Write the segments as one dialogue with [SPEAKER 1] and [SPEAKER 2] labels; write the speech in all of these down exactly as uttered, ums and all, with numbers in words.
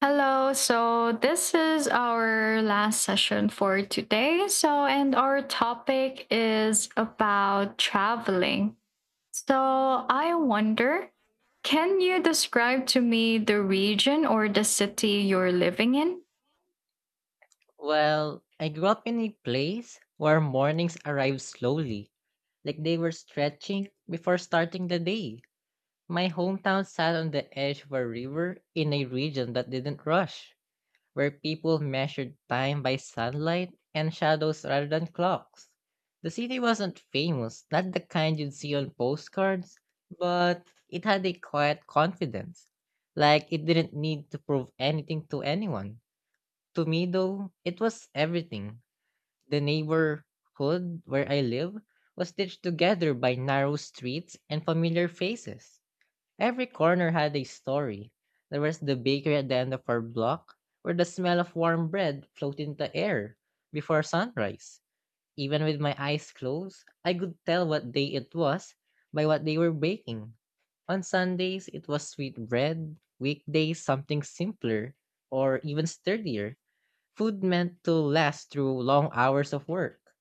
[SPEAKER 1] Hello. So, this is our last session for today. So, and our topic is about traveling. So, I wonder, can you describe to me the region or the city you're living in?
[SPEAKER 2] Well, I grew up in a place where mornings arrived slowly, like they were stretching before starting the day. My hometown sat on the edge of a river in a region that didn't rush, where people measured time by sunlight and shadows rather than clocks. The city wasn't famous, not the kind you'd see on postcards, but it had a quiet confidence. Like it didn't need to prove anything to anyone. To me, though, it was everything the neighborhood where I live was stitched together by narrow streets and familiar faces. Every corner had a story. There was the bakery at the end of our block, where the smell of warm bread floated in the air before sunrise. Even with my eyes closed, I could tell what day it was by what they were baking. On Sundays, it was sweet bread, weekdays, something simpler or even sturdier. Food meant to last through long hours of work.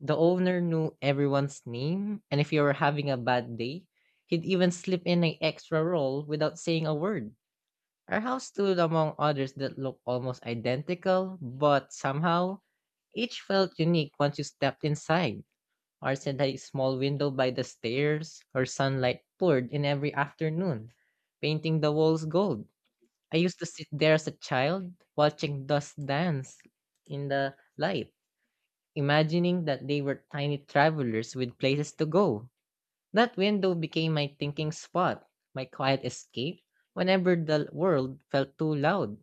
[SPEAKER 2] The owner knew everyone's name, and if you were having a bad day, he'd even slip in an extra roll without saying a word. Our house stood among others that looked almost identical, but somehow each felt unique once you stepped inside. Ours had a small window by the stairs, where sunlight poured in every afternoon, painting the walls gold. I used to sit there as a child, watching dust dance in the light imagining that they were tiny travelers with places to go. That window became my thinking spot, my quiet escape whenever the world felt too loud.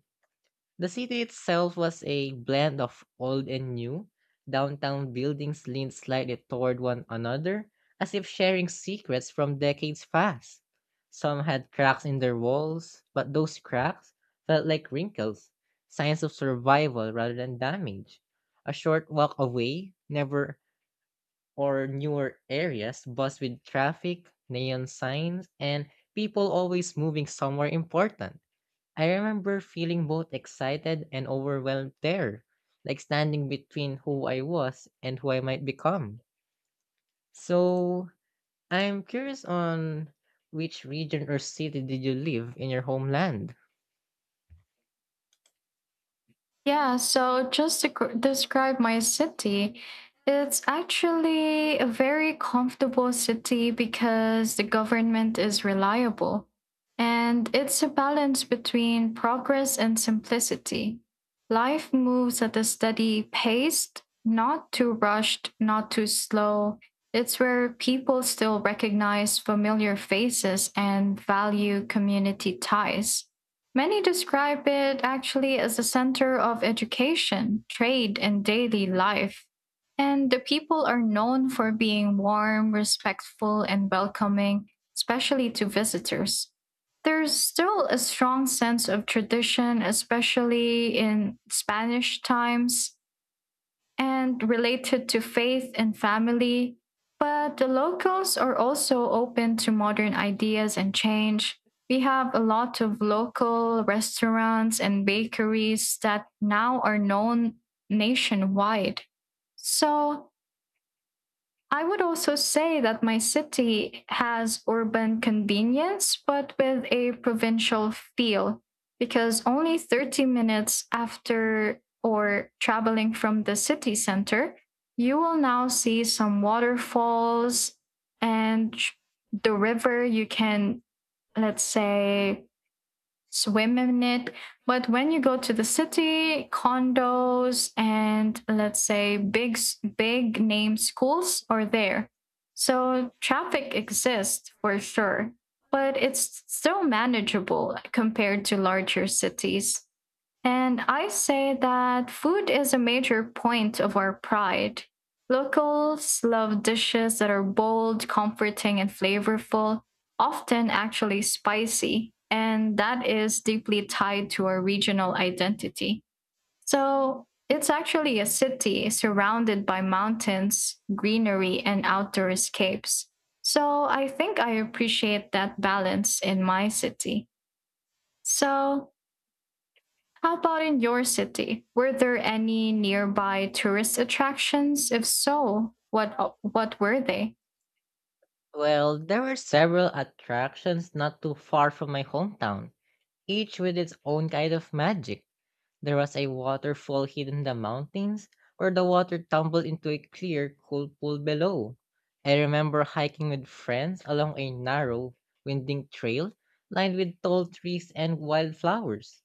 [SPEAKER 2] The city itself was a blend of old and new. Downtown buildings leaned slightly toward one another, as if sharing secrets from decades past. Some had cracks in their walls, but those cracks felt like wrinkles, signs of survival rather than damage. A short walk away, never or newer areas buzzed with traffic, neon signs, and people always moving somewhere important. I remember feeling both excited and overwhelmed there, like standing between who I was and who I might become. So, I'm curious on which region or city did you live in your homeland?
[SPEAKER 1] Yeah, so just to gr- describe my city, it's actually a very comfortable city because the government is reliable. And it's a balance between progress and simplicity. Life moves at a steady pace, not too rushed, not too slow. It's where people still recognize familiar faces and value community ties. Many describe it actually as a center of education, trade, and daily life. And the people are known for being warm, respectful, and welcoming, especially to visitors. There's still a strong sense of tradition, especially in Spanish times and related to faith and family. But the locals are also open to modern ideas and change. We have a lot of local restaurants and bakeries that now are known nationwide. So I would also say that my city has urban convenience, but with a provincial feel, because only thirty minutes after or traveling from the city center, you will now see some waterfalls and the river. You can, let's say, swim in it. But when you go to the city, condos and, let's say, big big name schools are there. So traffic exists for sure, but it's still manageable compared to larger cities. And I say that food is a major point of our pride. Locals love dishes that are bold, comforting, and flavorful, often actually spicy, and that is deeply tied to our regional identity. So it's actually a city surrounded by mountains, greenery, and outdoor escapes. So I think I appreciate that balance in my city. So, how about in your city? Were there any nearby tourist attractions? If so, what what were they?
[SPEAKER 2] Well, there were several attractions not too far from my hometown, each with its own kind of magic. There was a waterfall hidden in the mountains where the water tumbled into a clear, cool pool below. I remember hiking with friends along a narrow, winding trail lined with tall trees and wildflowers.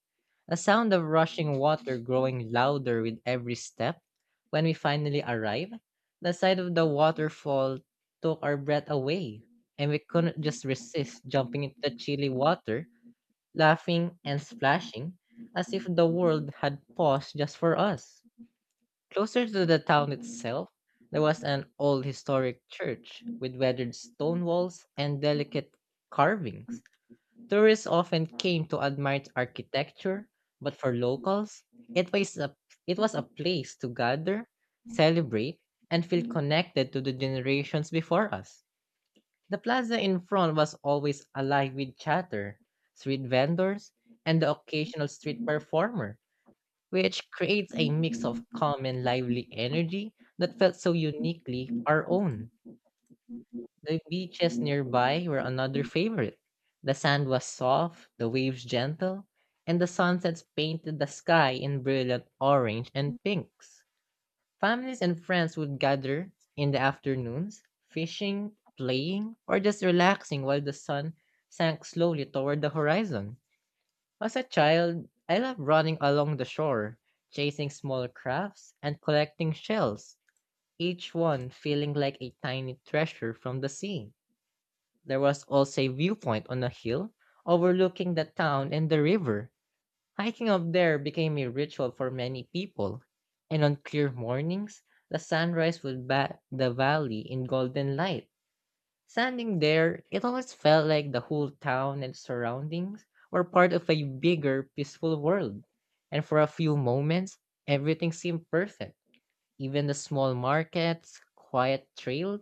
[SPEAKER 2] The sound of rushing water growing louder with every step. When we finally arrived, the sight of the waterfall took our breath away, and we couldn't just resist jumping into the chilly water laughing and splashing as if the world had paused just for us. Closer to the town itself, there was an old historic church with weathered stone walls and delicate carvings. Tourists often came to admire its architecture, but for locals, it was a, it was a place to gather, celebrate, and feel connected to the generations before us. The plaza in front was always alive with chatter, street vendors, and the occasional street performer, which creates a mix of calm and lively energy that felt so uniquely our own. The beaches nearby were another favorite. The sand was soft, the waves gentle, and the sunsets painted the sky in brilliant orange and pinks. Families and friends would gather in the afternoons, fishing, playing, or just relaxing while the sun sank slowly toward the horizon. As a child, I loved running along the shore, chasing small crafts, and collecting shells, each one feeling like a tiny treasure from the sea. There was also a viewpoint on a hill overlooking the town and the river. Hiking up there became a ritual for many people, and on clear mornings, the sunrise would bat the valley in golden light. Standing there, it almost felt like the whole town and surroundings were part of a bigger, peaceful world, and for a few moments, everything seemed perfect. Even the small markets, quiet trails,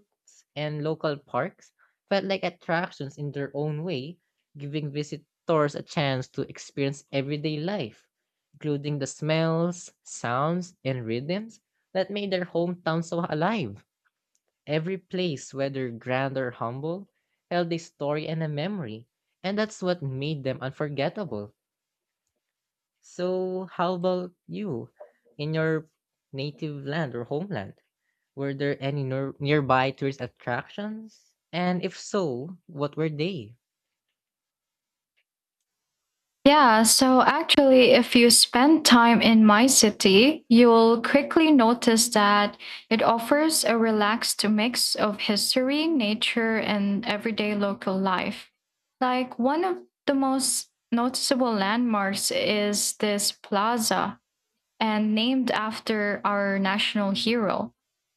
[SPEAKER 2] and local parks felt like attractions in their own way, giving visitors a chance to experience everyday life, including the smells, sounds, and rhythms that made their hometown so alive. Every place, whether grand or humble, held a story and a memory, and that's what made them unforgettable. So, how about you in your native land or homeland? Were there any nor- nearby tourist attractions? And if so, what were they?
[SPEAKER 1] Yeah, so actually, if you spend time in my city, you'll quickly notice that it offers a relaxed mix of history, nature, and everyday local life. Like, one of the most noticeable landmarks is this plaza, and named after our national hero.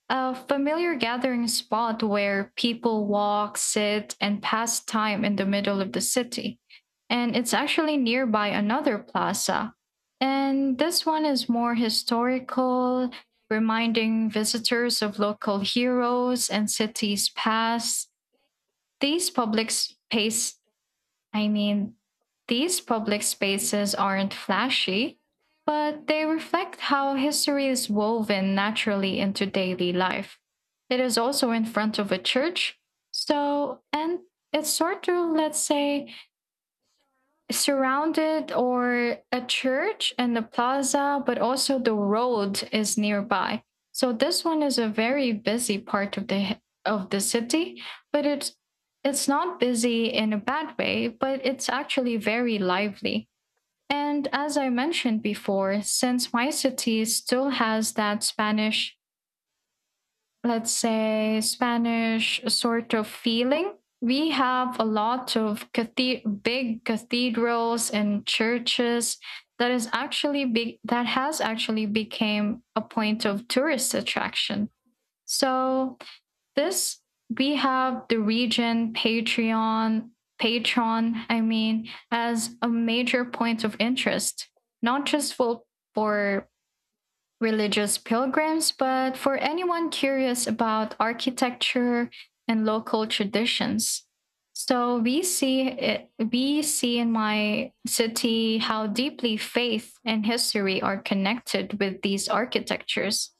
[SPEAKER 1] A familiar gathering spot where people walk, sit, and pass time in the middle of the city. And it's actually nearby another plaza. And this one is more historical, reminding visitors of local heroes and cities past. These public space I mean, these public spaces aren't flashy, but they reflect how history is woven naturally into daily life. It is also in front of a church, so, and it's sort of, let's say, surrounded, or a church and the plaza, but also the road is nearby. So this one is a very busy part of the of the city, but it's it's not busy in a bad way, but it's actually very lively. And as I mentioned before, since my city still has that Spanish, let's say Spanish sort of feeling. We have a lot of cathe- big cathedrals and churches that is actually be- that has actually became a point of tourist attraction. So this, we have the region Patreon patron I mean as a major point of interest, not just for for religious pilgrims, but for anyone curious about architecture and local traditions. So we see it, we see in my city how deeply faith and history are connected with these architectures.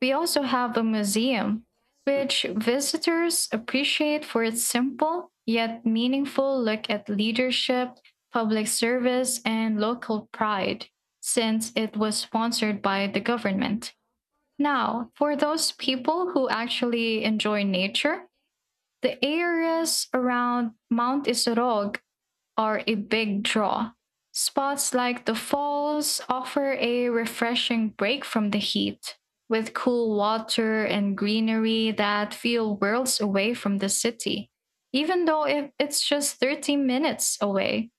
[SPEAKER 1] We also have the museum, which visitors appreciate for its simple yet meaningful look at leadership, public service, and local pride, since it was sponsored by the government. Now, for those people who actually enjoy nature, the areas around Mount Isorog are a big draw. Spots like the falls offer a refreshing break from the heat, with cool water and greenery that feel worlds away from the city. Even though if it's just thirty minutes away,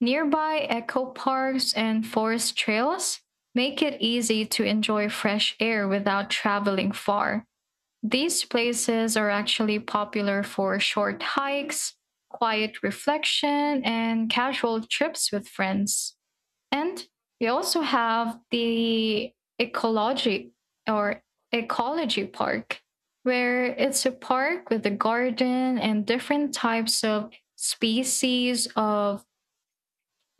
[SPEAKER 1] nearby eco parks and forest trails make it easy to enjoy fresh air without traveling far. These places are actually popular for short hikes, quiet reflection, and casual trips with friends. And we also have the ecology or ecology park, where it's a park with a garden and different types of species of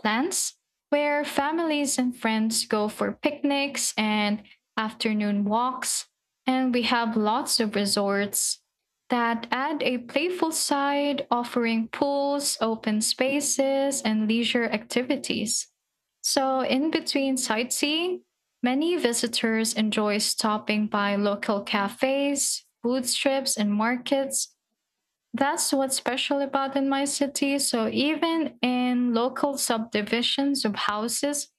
[SPEAKER 1] plans, where families and friends go for picnics and afternoon walks. And we have lots of resorts that add a playful side, offering pools, open spaces, and leisure activities. So, in between sightseeing, many visitors enjoy stopping by local cafes, food strips, and markets. That's what's special about in my city. So even in local subdivisions of houses,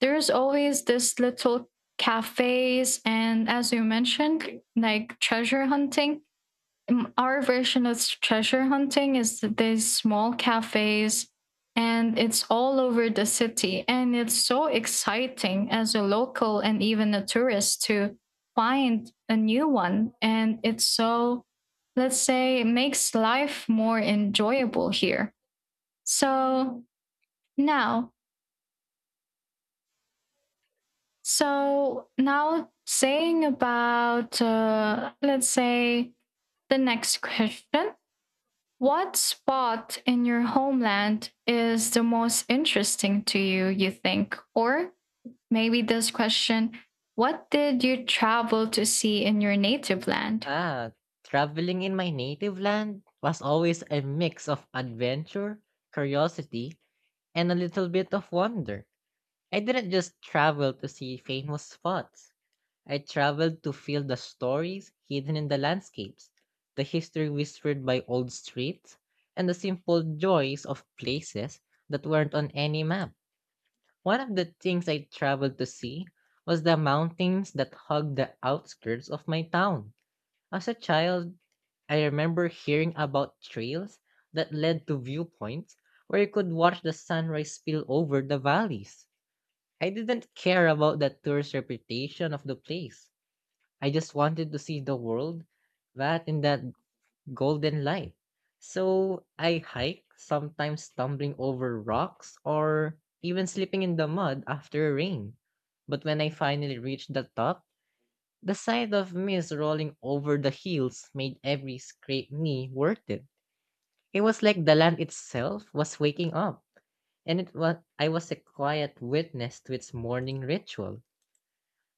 [SPEAKER 1] there's always this little cafes, and as you mentioned, like treasure hunting. Um, Our version of treasure hunting is that there's small cafes and it's all over the city. And it's so exciting as a local and even a tourist to find a new one. And it's so, let's say, it makes life more enjoyable here. So now, so now saying about, uh, let's say, the next question. What spot in your homeland is the most interesting to you, you think? Or maybe this question: what did you travel to see in your native land?
[SPEAKER 2] Ah, traveling in my native land was always a mix of adventure, curiosity, and a little bit of wonder. I didn't just travel to see famous spots. I traveled to feel the stories hidden in the landscapes, the history whispered by old streets, and the simple joys of places that weren't on any map. One of the things I traveled to see was the mountains that hug the outskirts of my town. As a child, I remember hearing about trails that led to viewpoints where you could watch the sunrise spill over the valleys. I didn't care about the tourist reputation of the place. I just wanted to see the world that in that golden light. So I hike, sometimes stumbling over rocks or even slipping in the mud after rain. But when I finally reached the top, the sight of mist rolling over the hills made every scraped knee worth it. It was like the land itself was waking up, and it was I was a quiet witness to its morning ritual.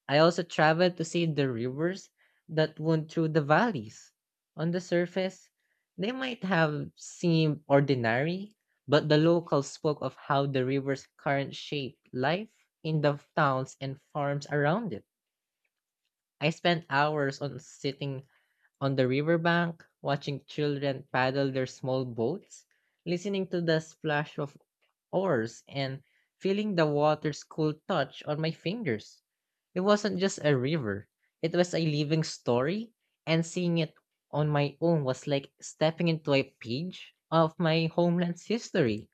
[SPEAKER 2] I also traveled to see the rivers that wound through the valleys. On the surface, they might have seemed ordinary, but the locals spoke of how the river's current shaped life in the towns and farms around it. I spent hours on sitting on the riverbank, watching children paddle their small boats, listening to the splash of oars and feeling the water's cool touch on my fingers. It wasn't just a river, it was a living story, and seeing it on my own was like stepping into a page of my homeland's history.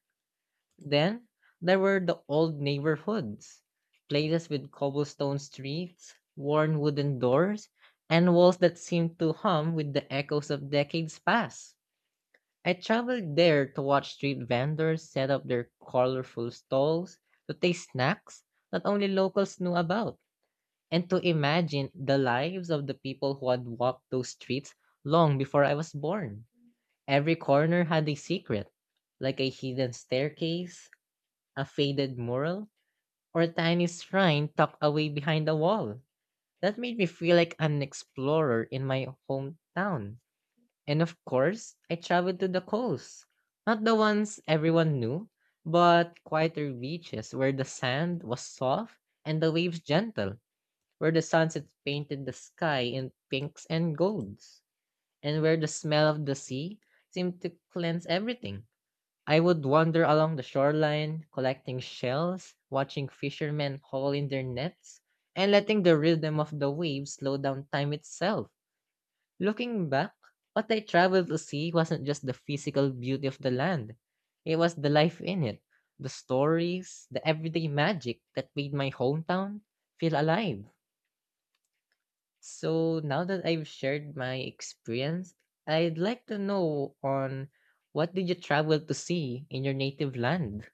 [SPEAKER 2] Then there were the old neighborhoods, places with cobblestone streets, worn wooden doors, and walls that seemed to hum with the echoes of decades past. I traveled there to watch street vendors set up their colorful stalls, to taste snacks that only locals knew about, and to imagine the lives of the people who had walked those streets long before I was born. Every corner had a secret, like a hidden staircase, a faded mural, or a tiny shrine tucked away behind a wall. That made me feel like an explorer in my hometown. And of course, I traveled to the coast. Not the ones everyone knew, but quieter beaches where the sand was soft and the waves gentle, where the sunset painted the sky in pinks and golds, and where the smell of the sea seemed to cleanse everything. I would wander along the shoreline, collecting shells, watching fishermen haul in their nets, and letting the rhythm of the waves slow down time itself. Looking back, what I traveled to see wasn't just the physical beauty of the land. It was the life in it, the stories, the everyday magic that made my hometown feel alive. So now that I've shared my experience, I'd like to know on what did you travel to see in your native land?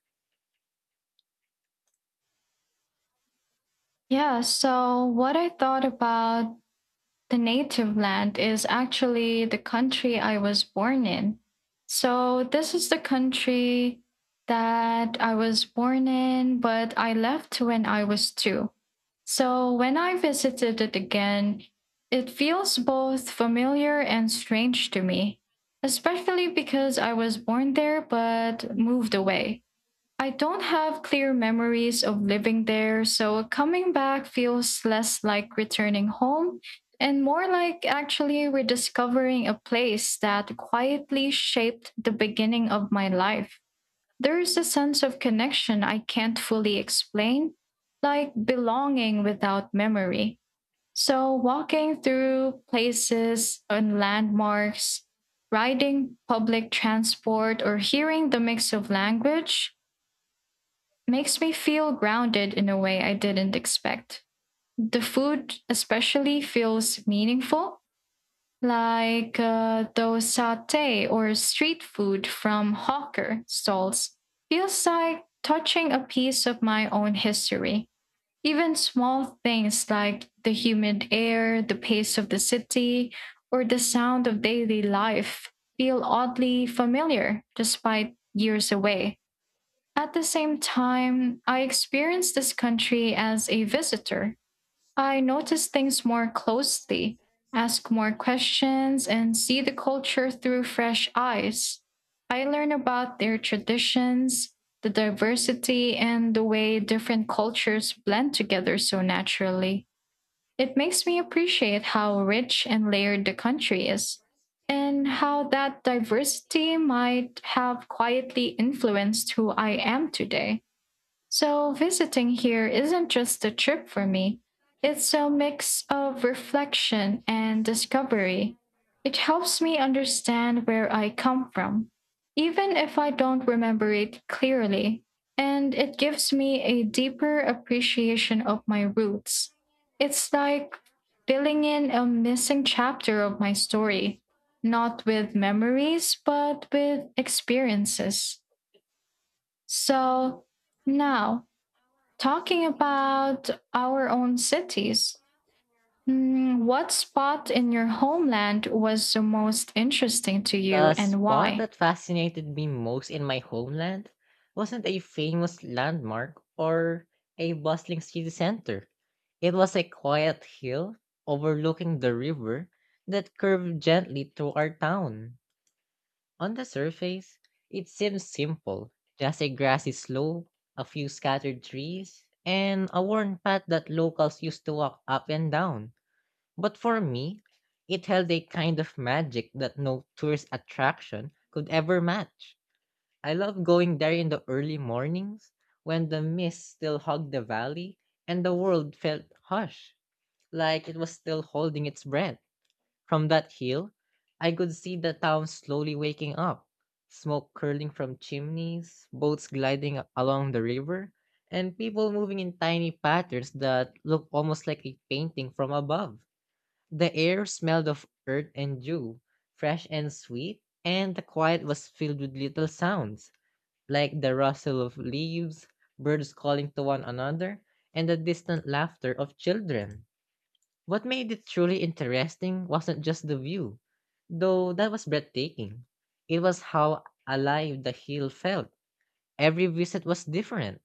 [SPEAKER 1] Yeah, so what I thought about, the native land is actually the country I was born in. So, this is the country that I was born in, but I left when I was two. So, when I visited it again, it feels both familiar and strange to me, especially because I was born there but moved away. I don't have clear memories of living there, so coming back feels less like returning home and more like actually rediscovering a place that quietly shaped the beginning of my life. There is a sense of connection I can't fully explain, like belonging without memory. So, walking through places and landmarks, riding public transport, or hearing the mix of language makes me feel grounded in a way I didn't expect. The food, especially, feels meaningful, like uh, those satay or street food from hawker stalls. Feels like touching a piece of my own history. Even small things like the humid air, the pace of the city, or the sound of daily life feel oddly familiar despite years away. At the same time, I experienced this country as a visitor. I notice things more closely, ask more questions, and see the culture through fresh eyes. I learn about their traditions, the diversity, and the way different cultures blend together so naturally. It makes me appreciate how rich and layered the country is, and how that diversity might have quietly influenced who I am today. So, visiting here isn't just a trip for me, it's a mix of reflection and discovery. It helps me understand where I come from, even if I don't remember it clearly, and it gives me a deeper appreciation of my roots. It's like filling in a missing chapter of my story, not with memories, but with experiences. So, now, talking about our own cities, mm, what spot in your homeland was the most interesting to you
[SPEAKER 2] The
[SPEAKER 1] and
[SPEAKER 2] spot
[SPEAKER 1] why?
[SPEAKER 2] that fascinated me most in my homeland wasn't a famous landmark or a bustling city center. It was a quiet hill overlooking the river that curved gently through our town. On the surface, it seemed simple just a grassy slope, a few scattered trees, and a worn path that locals used to walk up and down. But for me, it held a kind of magic that no tourist attraction could ever match. I love going there in the early mornings when the mist still hugged the valley and the world felt hush, like it was still holding its breath. From that hill, I could see the town slowly waking up, smoke curling from chimneys, boats gliding a- along the river, and people moving in tiny patterns that looked almost like a painting from above. The air smelled of earth and dew, fresh and sweet, and the quiet was filled with little sounds, like the rustle of leaves, birds calling to one another, and the distant laughter of children. What made it truly interesting wasn't just the view, though that was breathtaking. It was how alive the hill felt. Every visit was different.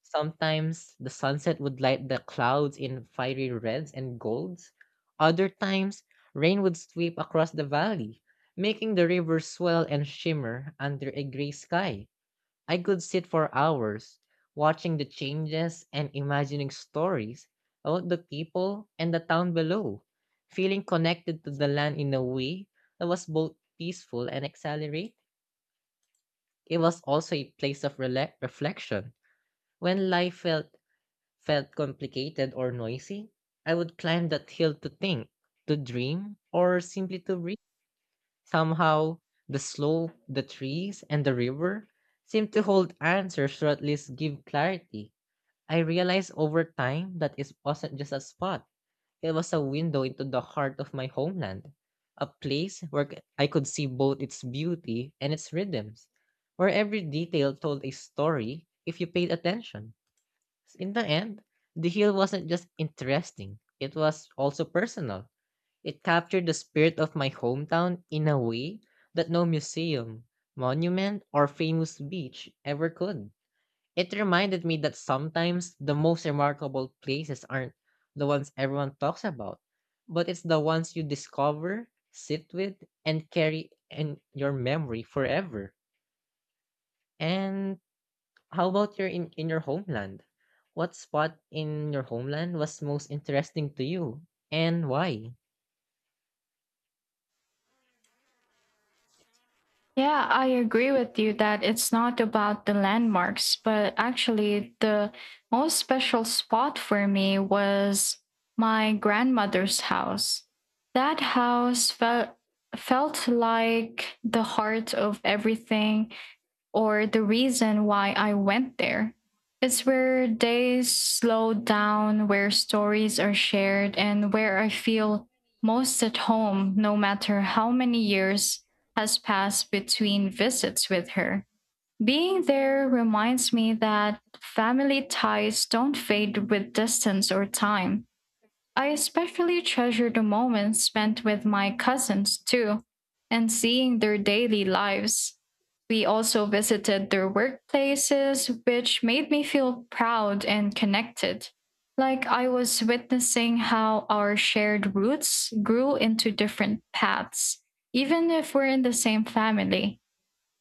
[SPEAKER 2] Sometimes the sunset would light the clouds in fiery reds and golds. Other times, rain would sweep across the valley, making the river swell and shimmer under a gray sky. I could sit for hours, watching the changes and imagining stories about the people and the town below, feeling connected to the land in a way that was both peaceful and exhilarating. It was also a place of rela- reflection. When life felt felt complicated or noisy, I would climb that hill to think, to dream, or simply to breathe. Somehow, the slope, the trees, and the river seemed to hold answers, or at least give clarity. I realized over time that it wasn't just a spot, it was a window into the heart of my homeland, a place where c- I could see both its beauty and its rhythms, where every detail told a story if you paid attention. In the end, the heel wasn't just interesting, it was also personal. It captured the spirit of my hometown in a way that no museum, monument, or famous beach ever could. It reminded me that sometimes the most remarkable places aren't the ones everyone talks about, but it's the ones you discover, sit with, and carry in your memory forever. And how about your in in your homeland? What spot in your homeland was most interesting to you, and why?
[SPEAKER 1] Yeah, I agree with you that it's not about the landmarks, but actually, the most special spot for me was my grandmother's house. That house felt felt like the heart of everything, or the reason why I went there. It's where they slow down, where stories are shared, and where I feel most at home, no matter how many years has passed between visits with her. Being there reminds me that family ties don't fade with distance or time. I especially treasure the moments spent with my cousins too, and seeing their daily lives. We also visited their workplaces, which made me feel proud and connected, like I was witnessing how our shared roots grew into different paths, even if we're in the same family.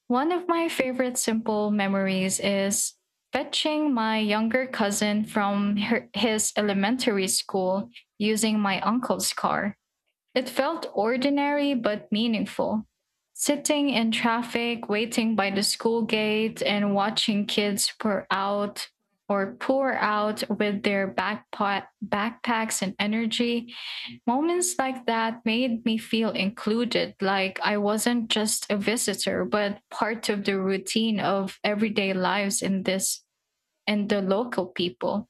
[SPEAKER 1] One of my favorite simple memories is fetching my younger cousin from her, his elementary school using my uncle's car. It felt ordinary but meaningful. Sitting in traffic, waiting by the school gate, and watching kids pour out, or pour out with their backpa- backpacks and energy. Moments like that made me feel included, like I wasn't just a visitor, but part of the routine of everyday lives in this and the local people.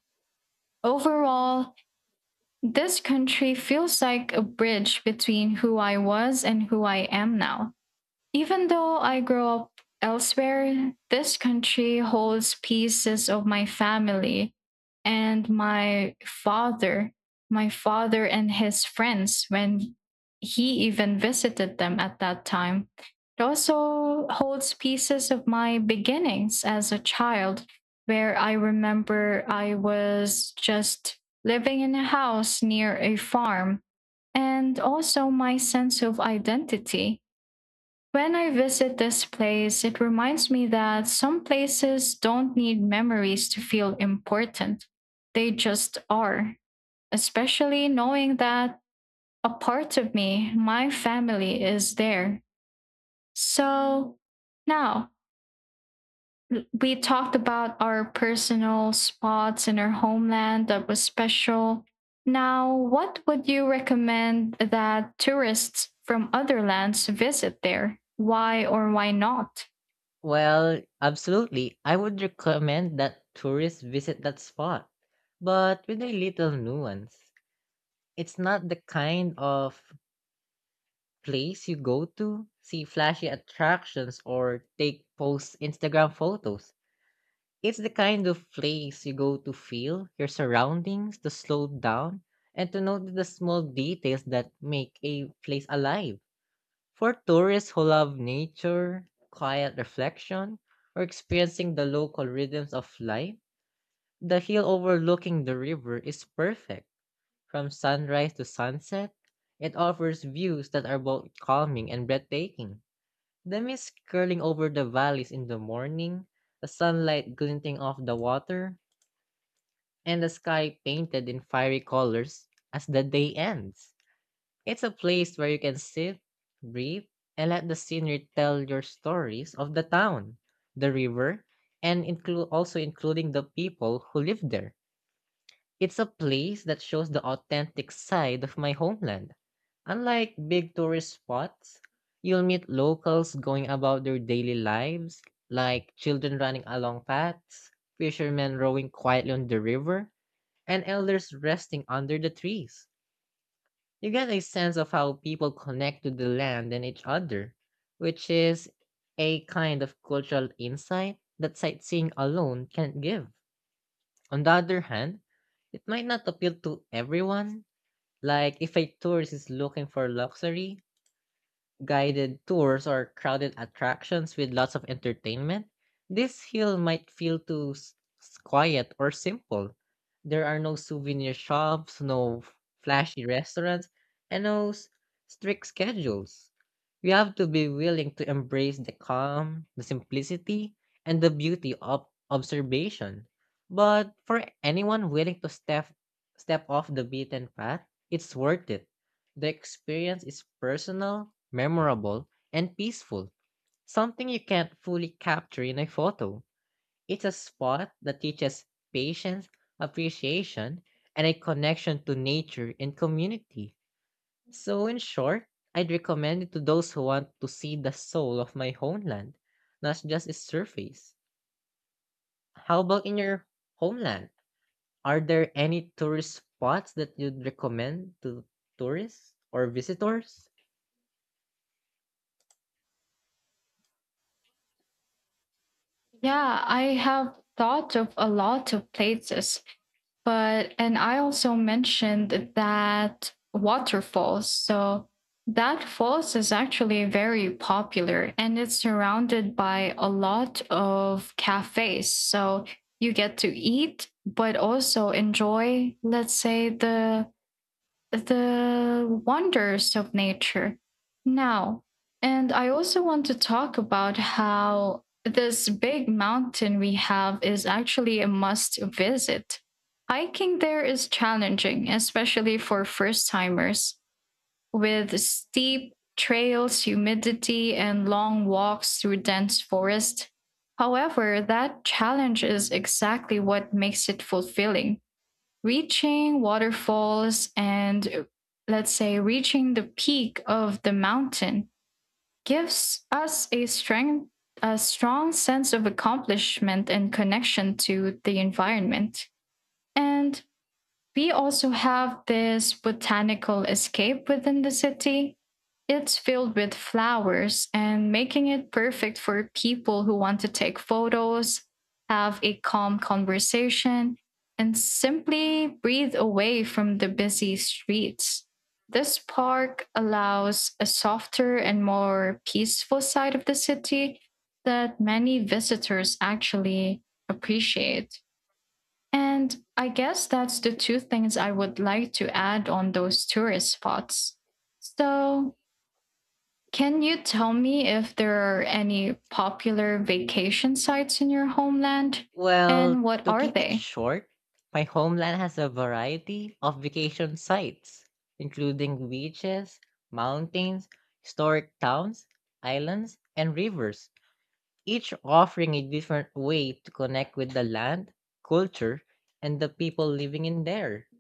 [SPEAKER 1] Overall, this country feels like a bridge between who I was and who I am now. Even though I grow up elsewhere, this country holds pieces of my family and my father, my father and his friends when he even visited them at that time. It also holds pieces of my beginnings as a child, where I remember I was just living in a house near a farm, and also my sense of identity. When I visit this place, it reminds me that some places don't need memories to feel important. They just are, especially knowing that a part of me, my family, is there. So now, l- we talked about our personal spots in our homeland that was special. Now, what would you recommend that tourists from other lands visit there? Why or why not?
[SPEAKER 2] Well, absolutely. I would recommend that tourists visit that spot, but with a little nuance. It's not the kind of place you go to see flashy attractions or take post Instagram photos. It's the kind of place you go to feel your surroundings, to slow down, and to notice the small details that make a place alive. For tourists who love nature, quiet reflection, or experiencing the local rhythms of life, the hill overlooking the river is perfect. From sunrise to sunset, it offers views that are both calming and breathtaking. The mist curling over the valleys in the morning, the sunlight glinting off the water, and the sky painted in fiery colors as the day ends. It's a place where you can sit, breathe, and let the scenery tell your stories of the town, the river, and include also including the people who live there. It's a place that shows the authentic side of my homeland. Unlike big tourist spots, you'll meet locals going about their daily lives, like children running along paths, fishermen rowing quietly on the river, and elders resting under the trees. You get a sense of how people connect to the land and each other, which is a kind of cultural insight that sightseeing alone can't give. On the other hand, it might not appeal to everyone. Like, if a tourist is looking for luxury, guided tours, or crowded attractions with lots of entertainment, this hill might feel too s- s- quiet or simple. There are no souvenir shops, no f- flashy restaurants, and no s- strict schedules. You have to be willing to embrace the calm, the simplicity, and the beauty of observation. But for anyone willing to step step off the beaten path, it's worth it. The experience is personal, memorable, and peaceful, something you can't fully capture in a photo. It's a spot that teaches patience, appreciation, and a connection to nature and community. So, in short, I'd recommend it to those who want to see the soul of my homeland, not just its surface. How about in your homeland? Are there any tourist spots that you'd recommend to tourists or visitors?
[SPEAKER 1] Yeah, I have thought of a lot of places, but and I also mentioned that waterfalls. So that falls is actually very popular and it's surrounded by a lot of cafes. So you get to eat, but also enjoy, let's say, the the wonders of nature now. And I also want to talk about how this big mountain we have is actually a must visit. Hiking there is challenging, especially for first timers, with steep trails, humidity, and long walks through dense forest. However, that challenge is exactly what makes it fulfilling, reaching waterfalls and, let's say, reaching the peak of the mountain gives us a strength a strong sense of accomplishment and connection to the environment. And we also have this botanical escape within the city. It's filled with flowers and making it perfect for people who want to take photos, have a calm conversation, and simply breathe away from the busy streets. This park allows a softer and more peaceful side of the city that many visitors actually appreciate. And I guess that's the two things I would like to add on those tourist spots. So, can you tell me if there are any popular vacation sites in your homeland and
[SPEAKER 2] Well,
[SPEAKER 1] what
[SPEAKER 2] to
[SPEAKER 1] are
[SPEAKER 2] keep it
[SPEAKER 1] they?
[SPEAKER 2] short, my homeland has a variety of vacation sites, including beaches, mountains, historic towns, islands, and rivers, each offering a different way to connect with the land, culture, and the people living in there.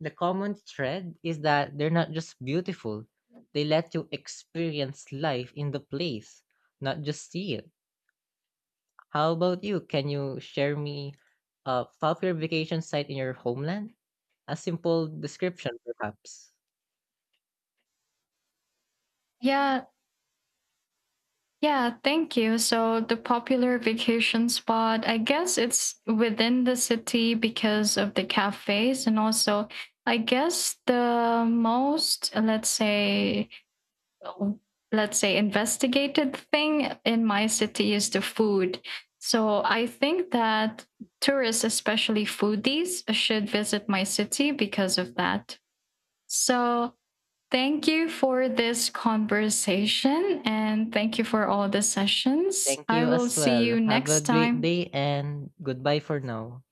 [SPEAKER 2] The common thread is that they're not just beautiful, they let you experience life in the place, not just see it. How about you? Can you share me a popular vacation site in your homeland? A simple description, perhaps.
[SPEAKER 1] Yeah, yeah, thank you. So, the popular vacation spot, I guess it's within the city because of the cafes, and also I guess the most, let's say, let's say investigated thing in my city is the food. So I think that tourists, especially foodies, should visit my city because of that. So thank you for this conversation and thank you for all the sessions.
[SPEAKER 2] Thank
[SPEAKER 1] I
[SPEAKER 2] you
[SPEAKER 1] will
[SPEAKER 2] as
[SPEAKER 1] see
[SPEAKER 2] well.
[SPEAKER 1] you
[SPEAKER 2] Have a
[SPEAKER 1] next
[SPEAKER 2] great
[SPEAKER 1] time.
[SPEAKER 2] day, and goodbye for now.